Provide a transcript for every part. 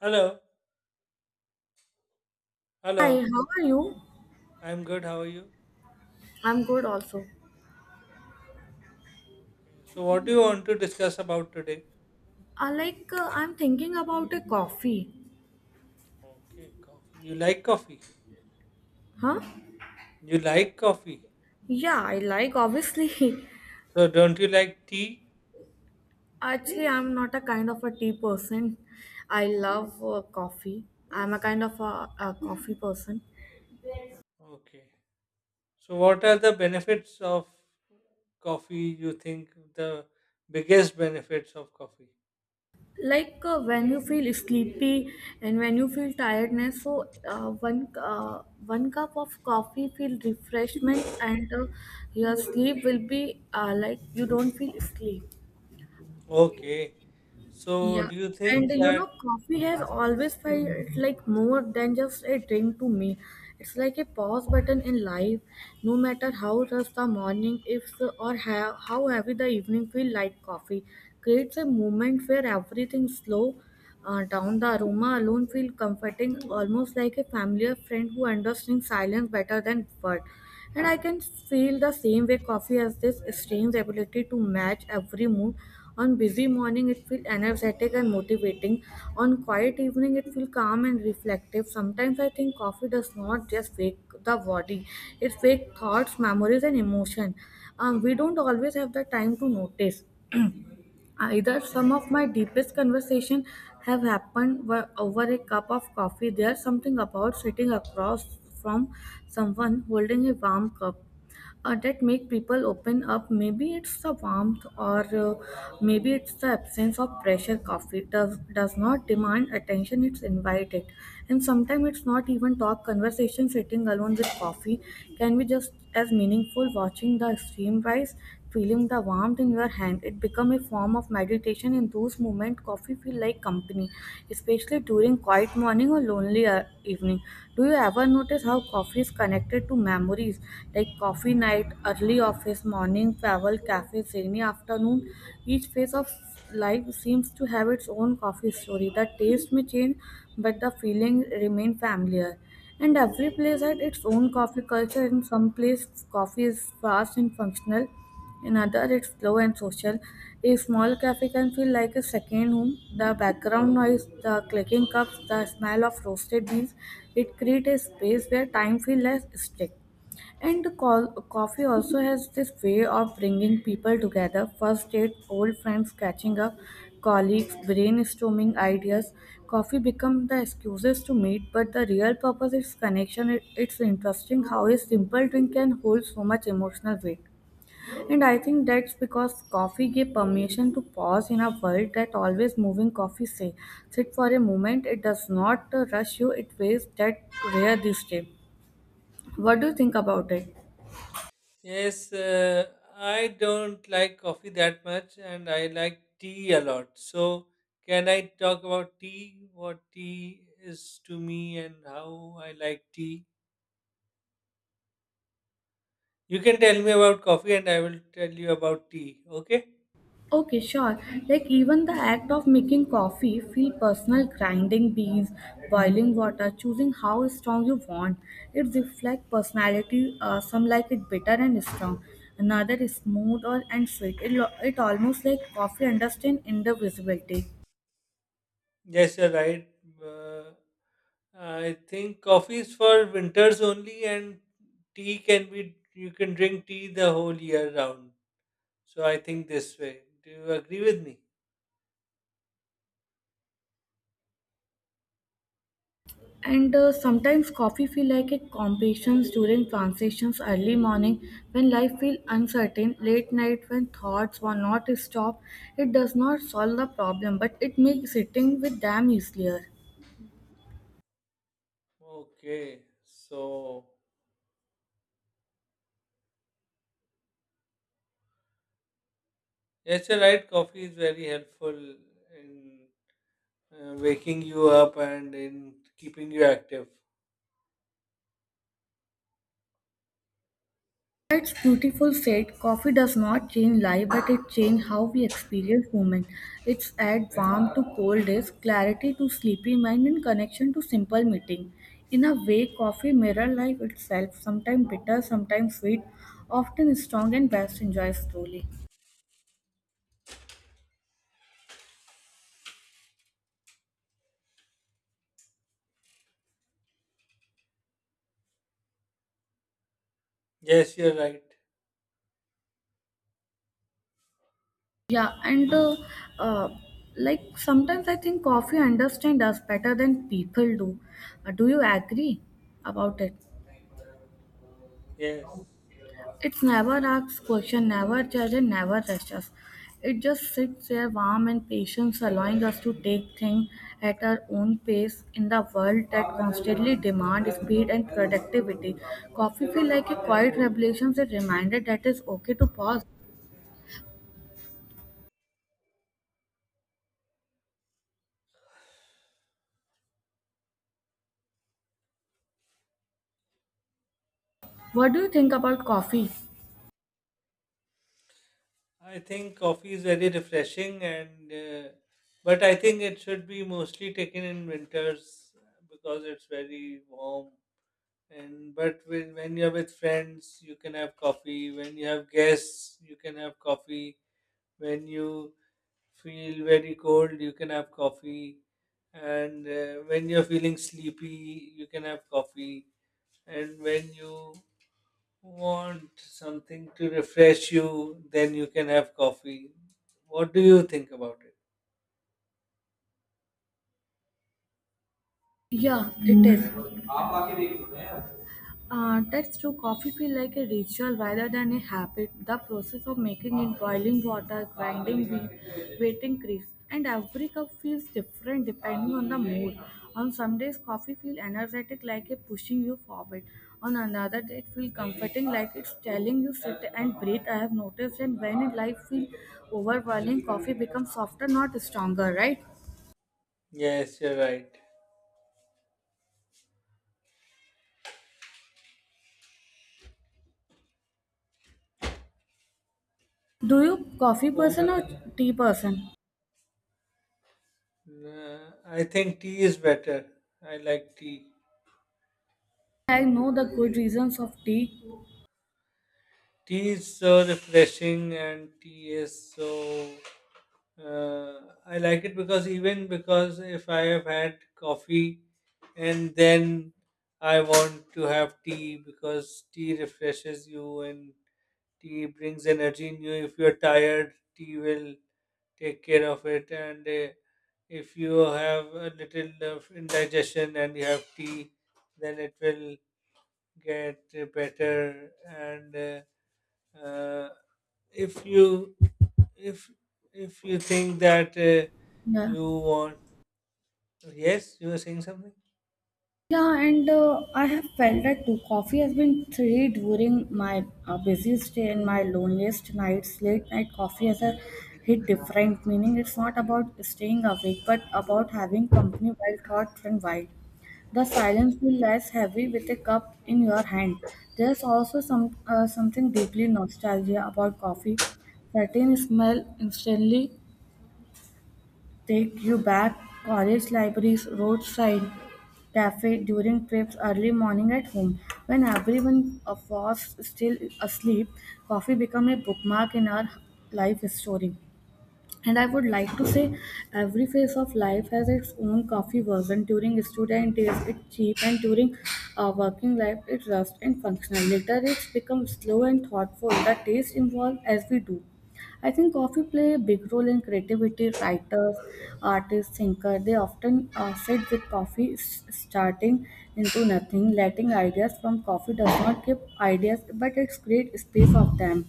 Hello, Hi, hello. how are you? I'm good. How are you? I'm good also. Okay. So, what do you want to discuss about today? I like I'm thinking about a coffee. Okay, coffee. You like coffee? Huh? You like coffee? Yeah, I like obviously. So, don't you like tea? Actually, I'm not a kind of a tea person. I love coffee. I'm a kind of a coffee person. Okay. So, what are the benefits of coffee? You think the biggest benefits of coffee? Like when you feel sleepy and when you feel tiredness, so one cup of coffee feel refreshment and your sleep will be like you don't feel sleep. Okay. So, Yeah, do you and think you that? know, coffee has always felt like more than just a drink to me. It's like a pause button in life. No matter how rough the morning is or how heavy the evening feel like coffee creates a moment where everything slow down. The aroma alone feel comforting, almost like a familiar friend who understands silence better than words. And I can feel the same way coffee has this strange ability to match every mood. On busy morning it feels energetic and motivating. On quiet evening it feels calm and reflective. Sometimes I think coffee does not just wake the body, it wakes thoughts, memories and emotion. We don't always have the time to notice. Either some of my deepest conversation have happened were over a cup of coffee. There's something about sitting across from someone holding a warm cup that make people open up, maybe it's the warmth or maybe it's the absence of pressure. Coffee does not demand attention, it's invited. And sometimes it's not even talk conversation, sitting alone with coffee can be just as meaningful, watching the stream rise, feeling the warmth in your hand, it become a form of meditation. In those moments, coffee feel like company, especially during quiet morning or lonely evening. Do you ever notice how coffee is connected to memories, like coffee night, early office morning, travel, cafe, rainy afternoon? Each phase of life seems to have its own coffee story. The taste may change, but the feeling remain familiar. And every place had its own coffee culture. In some place, coffee is fast and functional. In others, it's slow and social. A small cafe can feel like a second home. The background noise, the clicking cups, the smell of roasted beans, it creates a space where time feels less strict. And coffee also has this way of bringing people together. First date, old friends catching up, colleagues brainstorming ideas. Coffee becomes the excuses to meet, but the real purpose is connection. It's interesting how a simple drink can hold so much emotional weight. And I think that's because coffee gave permission to pause in a world that always moving, coffee say. Sit for a moment, it does not rush you, it waves that rare this day. What do you think about it? Yes, I don't like coffee that much and I like tea a lot. So, can I talk about tea? What tea is to me and how I like tea? You can tell me about coffee and I will tell you about tea, okay? Okay, sure. Like even the act of making coffee feel personal, grinding beans, boiling water, choosing how strong you want. It reflects personality. Some like it bitter and strong, another is smooth or and sweet. It almost like coffee understand indivisibility. Yes, you're right. Uh, I think coffee is for winters only, and tea can be, you can drink tea the whole year round. So, I think this way. Do you agree with me? And sometimes coffee feel like a companion during transitions, early morning when life feel uncertain, late night when thoughts were not stop. It does not solve the problem, but it makes sitting with them easier. Okay, so. Yes, you're right. Coffee is very helpful in waking you up and in keeping you active. Its beautiful said. Coffee does not change life but it changes how we experience moment. It's adds warmth to cold days, clarity to sleepy mind and connection to simple meeting. In a way, coffee mirror life itself, sometimes bitter, sometimes sweet, often strong and best enjoyed slowly. Yes, you're right. Yeah, and uh, like sometimes I think coffee understands us better than people do. Do you agree about it? Yes, It never asks questions, never judges, and never rushes. It just sits there warm and patient, allowing us to take things at our own pace in the world that constantly demands speed and productivity. Coffee feels like a quiet revelation, a reminder that it's okay to pause. What do you think about coffee? I think coffee is very refreshing, and but I think it should be mostly taken in winters because it's very warm. And but when you're with friends, you can have coffee. When you have guests, you can have coffee. When you feel very cold, you can have coffee. And when you're feeling sleepy, you can have coffee. And when you want something to refresh you, then you can have coffee. What do you think about it? Yeah, it is. That's true. Coffee feels like a ritual rather than a habit. The process of making it, boiling water, grinding wheat, waiting crisp, and every cup feels different depending on the mood. On some days, coffee feels energetic, like it's pushing you forward. On another day, it feels comforting, like it's telling you sit and breathe. I have noticed, and when in life feels overwhelming, coffee becomes softer, not stronger. Right? Yes, you're right. Do you coffee person or tea person? I think tea is better. I like tea. I know the good reasons of tea. Tea is so refreshing, and tea is so Uh, I like it because, even because, if I have had coffee and then I want to have tea, because tea refreshes you and tea brings energy in you. If you're tired, tea will take care of it. And if you have a little of indigestion and you have tea, then it will get better. And uh, if you if if you think that Yeah. you want. Yes, you were saying something? Yeah, and I have felt that too. Coffee has been three during my busiest day and my loneliest nights. Late night coffee has a hit different meaning. It's not about staying awake, but about having company while thought run wild. The silence feels less heavy with a cup in your hand. There's also something deeply nostalgia about coffee. Certain smell instantly take you back, college libraries, roadside cafe during trips, early morning at home. When everyone was still asleep, coffee became a bookmark in our life story. And I would like to say every phase of life has its own coffee version. During student days, it's cheap, and during working life, it's rust and functional. Later, it's become slow and thoughtful. The taste evolve as we do. I think coffee play a big role in creativity. Writers, artists, thinkers, they often sit with coffee, starting into nothing, letting ideas from coffee does not give ideas, but it's create space of them.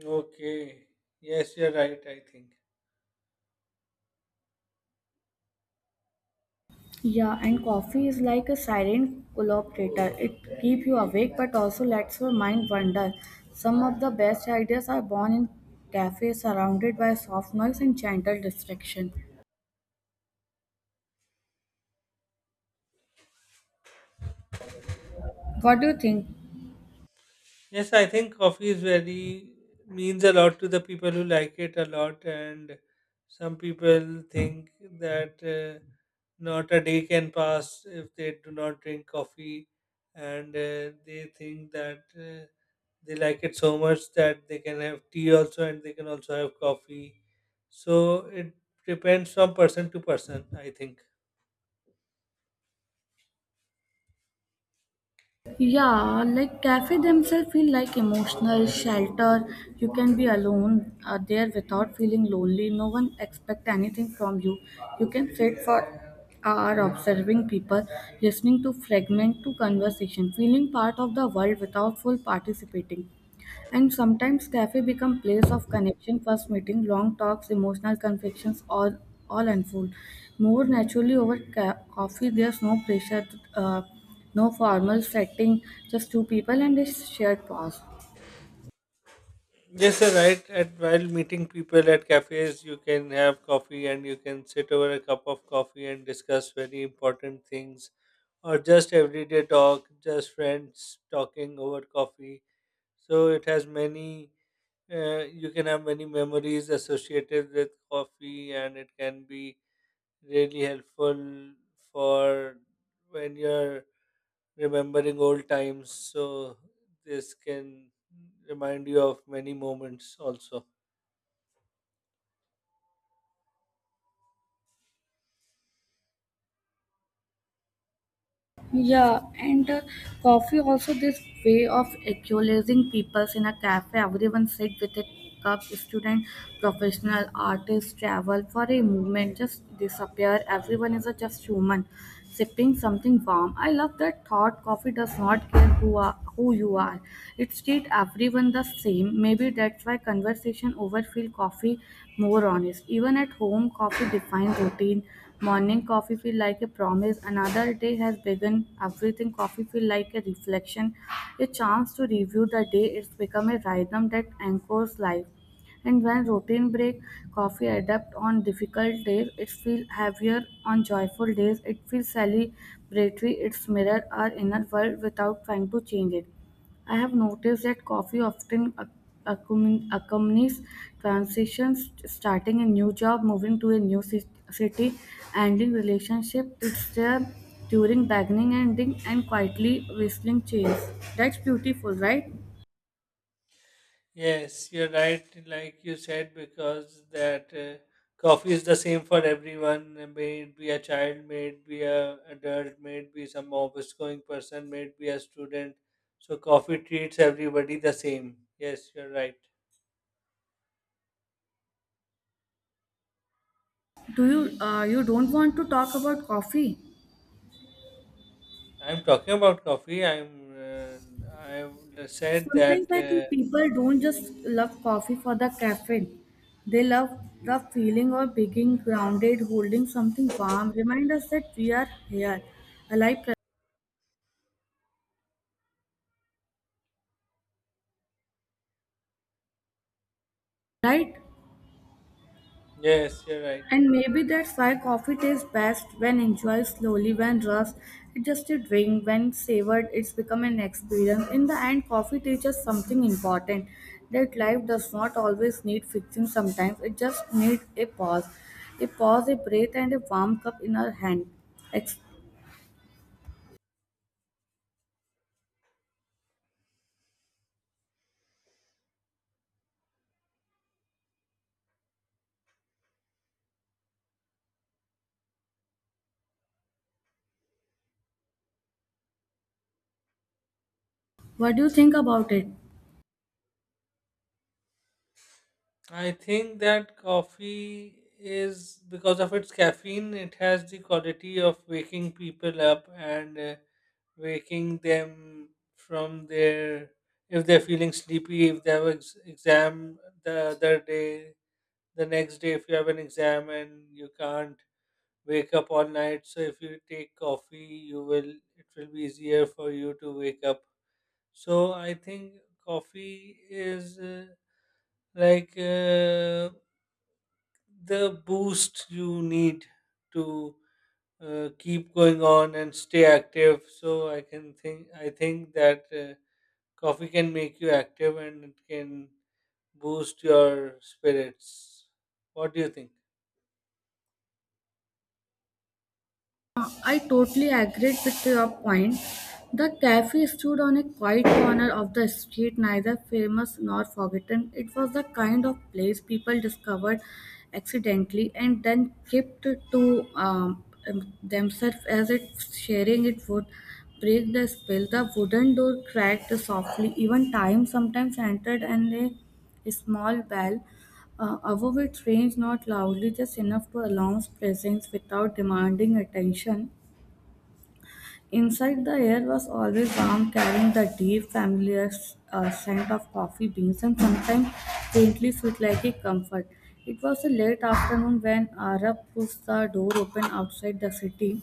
Okay. Yes, you're right, I think. Yeah, and coffee is like a silent collaborator. It keeps you awake but also lets your mind wander. Some of the best ideas are born in cafes surrounded by soft noise and gentle distraction. What do you think? Yes, I think coffee is very means a lot to the people who like it a lot, and some people think that not a day can pass if they do not drink coffee, and they think that they like it so much that they can have tea also and they can also have coffee. So it depends from person to person, I think. Yeah, like cafe themselves feel like emotional shelter. You can be alone there without feeling lonely. No one expect anything from you. You can sit for hour observing people, listening to fragment to conversation, feeling part of the world without full participating. And sometimes cafe become place of connection, first meeting, long talks, emotional confections, all unfold. More naturally over coffee, there's no pressure, uh, no formal setting, just two people and a shared pause. Yes, sir, right. At while meeting people at cafes, you can have coffee and you can sit over a cup of coffee and discuss very important things or just everyday talk, just friends talking over coffee. So it has many, you can have many memories associated with coffee, and it can be really helpful for when you're remembering old times. So this can remind you of many moments also. Yeah, and coffee also this way of equalizing peoples in a cafe. Everyone sit with a cup. Student, professional, artist, travel for a moment, just disappear. Everyone is a just human, sipping something warm. I love that thought. Coffee does not care who you are. It treats everyone the same. Maybe that's why conversation over feel coffee more honest. Even at home, coffee defines routine. Morning coffee feel like a promise. Another day has begun. Everything coffee feel like a reflection, a chance to review the day. It's become a rhythm that anchors life. And when routine break, coffee adapt on difficult days, it feels heavier, on joyful days it feels celebratory. It's mirror our inner world without trying to change it. I have noticed that coffee often accompanies transitions, starting a new job, moving to a new city, ending relationship. It's there during beginning, ending, and quietly whistling change. That's beautiful, right? Yes, you're right. Like you said, because that coffee is the same for everyone, may it be a child, may it be a adult, may it be some office going person, may it be a student. So coffee treats everybody the same. Yes, you're right. Do you you don't want to talk about coffee? I'm talking about coffee. I said Sometimes that. I think Uh, people don't just love coffee for the caffeine. They love the feeling of being grounded, holding something warm. Remind us that we are here, alive, right? Yes, you're right. And maybe that's why coffee tastes best when enjoyed slowly, when rushed, it's just a drink, when savored, it's become an experience. In the end, coffee teaches something important, that life does not always need fixing sometimes, it just needs a pause. A pause, a breath, and a warm cup in our hand. Ex- what do you think about it? I think that coffee, is because of its caffeine, it has the quality of waking people up and. Waking them from their, if they're feeling sleepy, if they have an exam the other day, the next day, if you have an exam and you can't wake up all night, so if you take coffee you will, it will be easier for you to wake up. So I think coffee is like the boost you need to keep going on and stay active. So I can think that coffee can make you active and it can boost your spirits. What do you think? I totally agreed with your point. The cafe stood on a quiet corner of the street, neither famous nor forgotten. It was the kind of place people discovered accidentally and then kept to um, themselves as if sharing it would break the spell. The wooden door cracked softly, even time sometimes entered, and a small bell above it, range not loudly, just enough to announce presence without demanding attention. Inside, the air was always warm, carrying the deep, familiar scent of coffee beans and sometimes faintly sweet like a comfort. It was a late afternoon when Arab pushed the door open, outside the city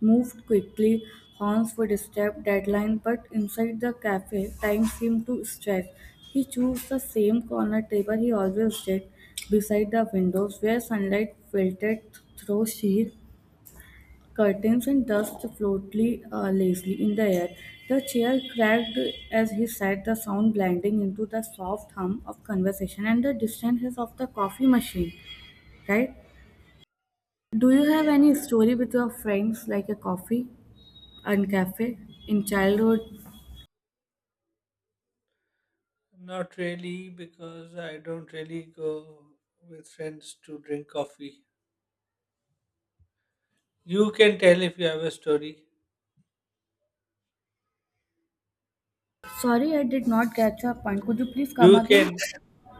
moved quickly, horns would step deadline, but inside the cafe, time seemed to stretch. He chose the same corner table he always did, beside the windows where sunlight filtered through sheer curtains and dust floated lazily in the air. The chair cracked as he sat, the sound blending into the soft hum of conversation and the distant hiss of the coffee machine. Right? Do you have any Yes. story with your friends, like a coffee and cafe in childhood? Not really, because I don't really go with friends to drink coffee. You can tell if you have a story. Sorry, I did not catch your point. Could you please come You again? can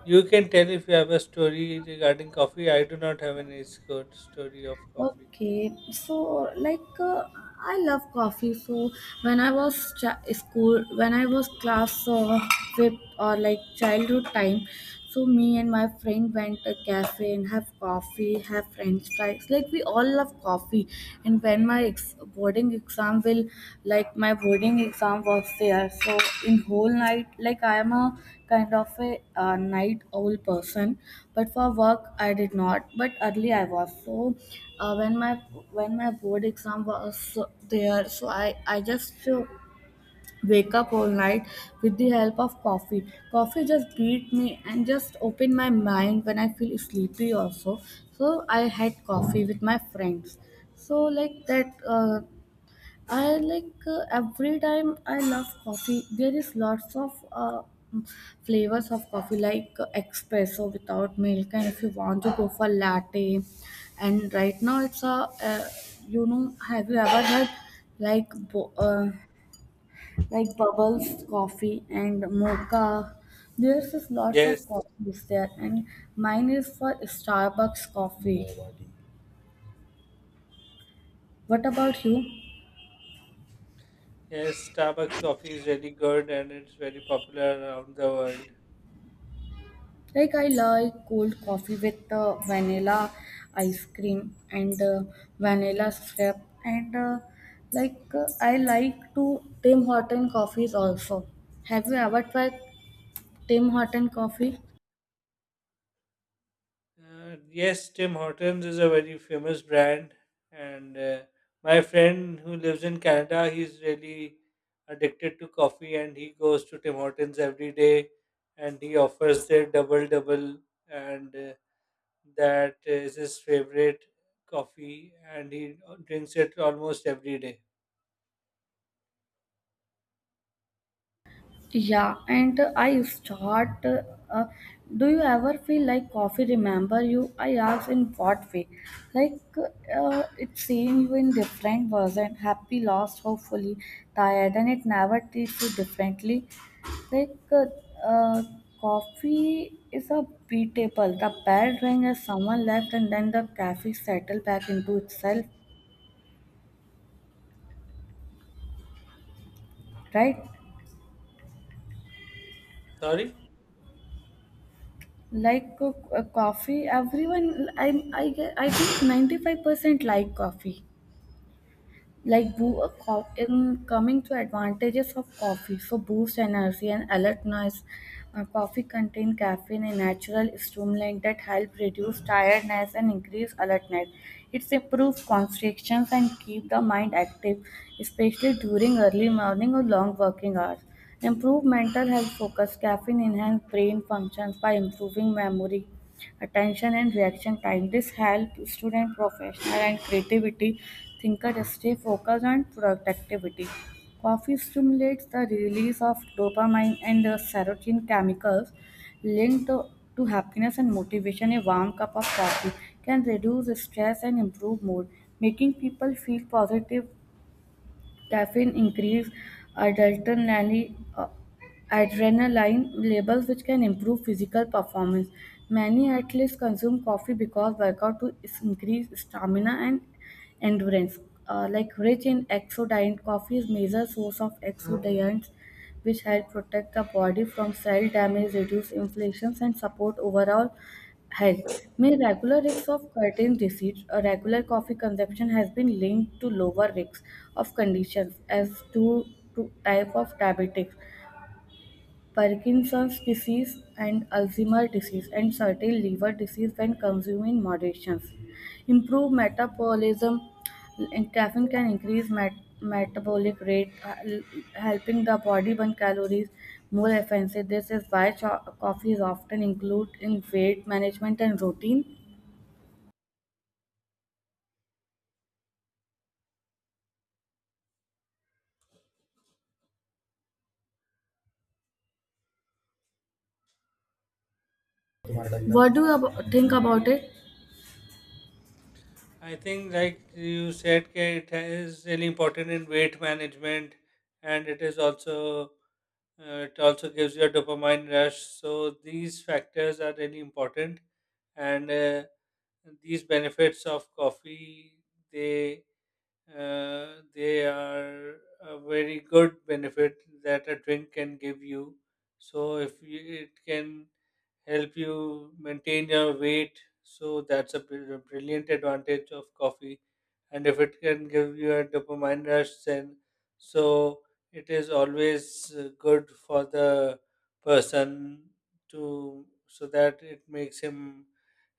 you can tell if you have a story regarding coffee. I do not have any good story of coffee. Okay, so I love coffee. So when I was school, when I was class fifth or like childhood time, so me and my friend went to cafe and have coffee, have French fries. Like we all love coffee. And when my boarding exam will like my boarding exam was there so in whole night like I am a kind of a night owl person, but for work I did not, but early I was so uh, when my when my board exam was there, so I just wake up all night with the help of coffee. Coffee just beat me and just open my mind when I feel sleepy also. So I had coffee with my friends, so like that I like every time I love coffee. There is lots of flavors of coffee, like espresso without milk, and if you want to go for latte. And right now, it's a have you ever had like bo- uh, like bubbles coffee and mocha? There's just lots of Yes, coffees there, and mine is for Starbucks coffee. What about you? yes, Starbucks coffee is really good and it's very popular around the world. Like I like cold coffee with vanilla ice cream and vanilla syrup and I like to Tim Horton coffees also. Have you ever tried Tim Horton coffee? Yes, Tim Hortons is a very famous brand, and my friend who lives in Canada, he's really addicted to coffee, and he goes to Tim Hortons every day, and he offers their double double, and that is his favorite coffee, and he drinks it almost every day. Yeah, and I start. Uh, do you ever feel like coffee remember you? I ask in what way? It seeing you in different version, happy, lost, hopefully, tired, and it never treats you differently. Like uh, uh, Coffee is a beatable. The bell rang as someone left, and then the cafe settled back into itself. Right? Sorry. Like coffee, everyone I get I think 95% like coffee. Like Okay. In coming to advantages of coffee, so boost energy and alertness. Coffee contain caffeine, a natural stimulant that help reduce tiredness and increase alertness. It improves constrictions and keep the mind active, especially during early morning or long working hours. Improve mental health focus. Caffeine enhance brain functions by improving memory attention and reaction time. This helps student, professional, and creativity thinker stay focused on productivity. Coffee stimulates the release of dopamine and serotonin chemicals linked to happiness and motivation. A warm cup of coffee can reduce stress and improve mood, making people feel positive. Caffeine increase adrenaline, uh, adrenaline levels, which can improve physical performance. Many athletes consume coffee because workout increase stamina and endurance. Like rich in exodiant, coffee is major source of exodiants, which help protect the body from cell damage, reduce inflations, and support overall health. May regular risks of certain disease or regular coffee consumption has been linked to lower risks of conditions as to type of diabetes, Parkinson's disease and Alzheimer's disease, and certain liver disease when consumed in moderation. Improved metabolism and caffeine can increase metabolic rate, helping the body burn calories more efficiently. This is why coffee is often included in weight management and routine. What do you think about it? I think, like you said, K, it is really important in weight management, and it is also. It also gives you a dopamine rush. So these factors are really important, and these benefits of coffee, they they are a very good benefit that a drink can give you. So if you, it can help you maintain your weight. So that's a brilliant advantage of coffee. And if it can give you a dopamine rush, then so it is always good for the person to, so that it makes him,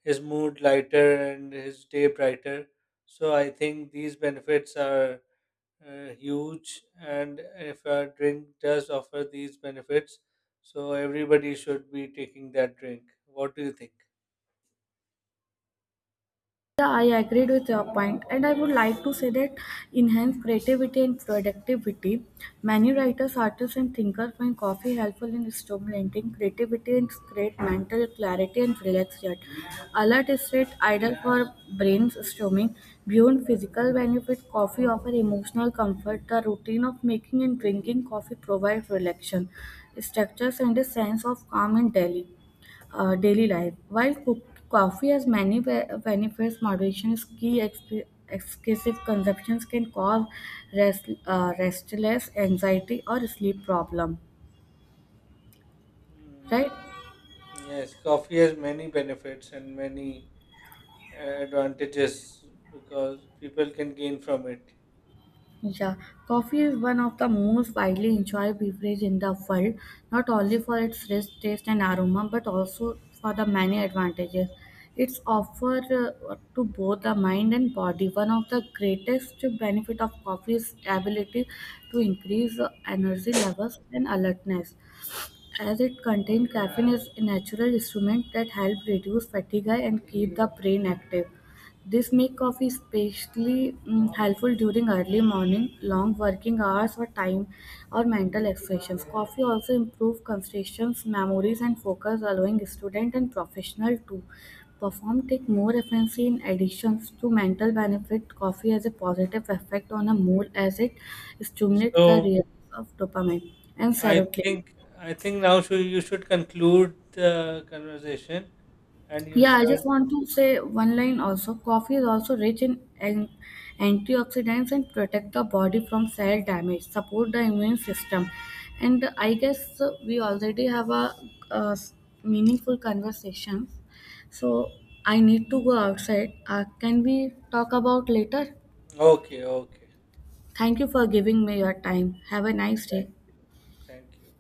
his mood lighter and his day brighter. So I think these benefits are huge, and if a drink does offer these benefits, so everybody should be taking that drink. What do you think? Yeah, I agreed with your point, and I would like to say that enhance creativity and productivity. Many writers, artists, and thinkers find coffee helpful in stimulating creativity and create mental clarity and relaxation. Alert is state ideal for brainstorming. Beyond physical benefit, coffee offers emotional comfort. The routine of making and drinking coffee provides relaxation, structures, and a sense of calm and daily. Daily life. While cook, coffee has many benefits, moderation is key. Excessive consumptions can cause restless anxiety or sleep problem. Mm, Right? yes, coffee has many benefits and many advantages because people can gain from it. Yeah, coffee is one of the most widely enjoyed beverages in the world, not only for its rich taste and aroma, but also for the many advantages it's offer to both the mind and body. One of the greatest benefit of coffee is ability to increase energy levels and alertness, as it contains caffeine is a natural instrument that help reduce fatigue and keep the brain active. This make coffee especially helpful during early morning, long working hours or time or mental exertions. Coffee also improve concentration, memories and focus, allowing student and professional to perform take more efficiency in addition to mental benefit. Coffee has a positive effect on a mood as it stimulates the So release of dopamine and i serotonin. think I think now should, you should conclude the conversation, and you Yeah, I should. just want to say one line also. Coffee is also rich in antioxidants and protect the body from cell damage, support the immune system. And I guess we already have uh s- meaningful conversation. So I need to go outside. Can we talk about later? Okay, okay. Thank you for giving me your time. Have a nice thank, day. thank you.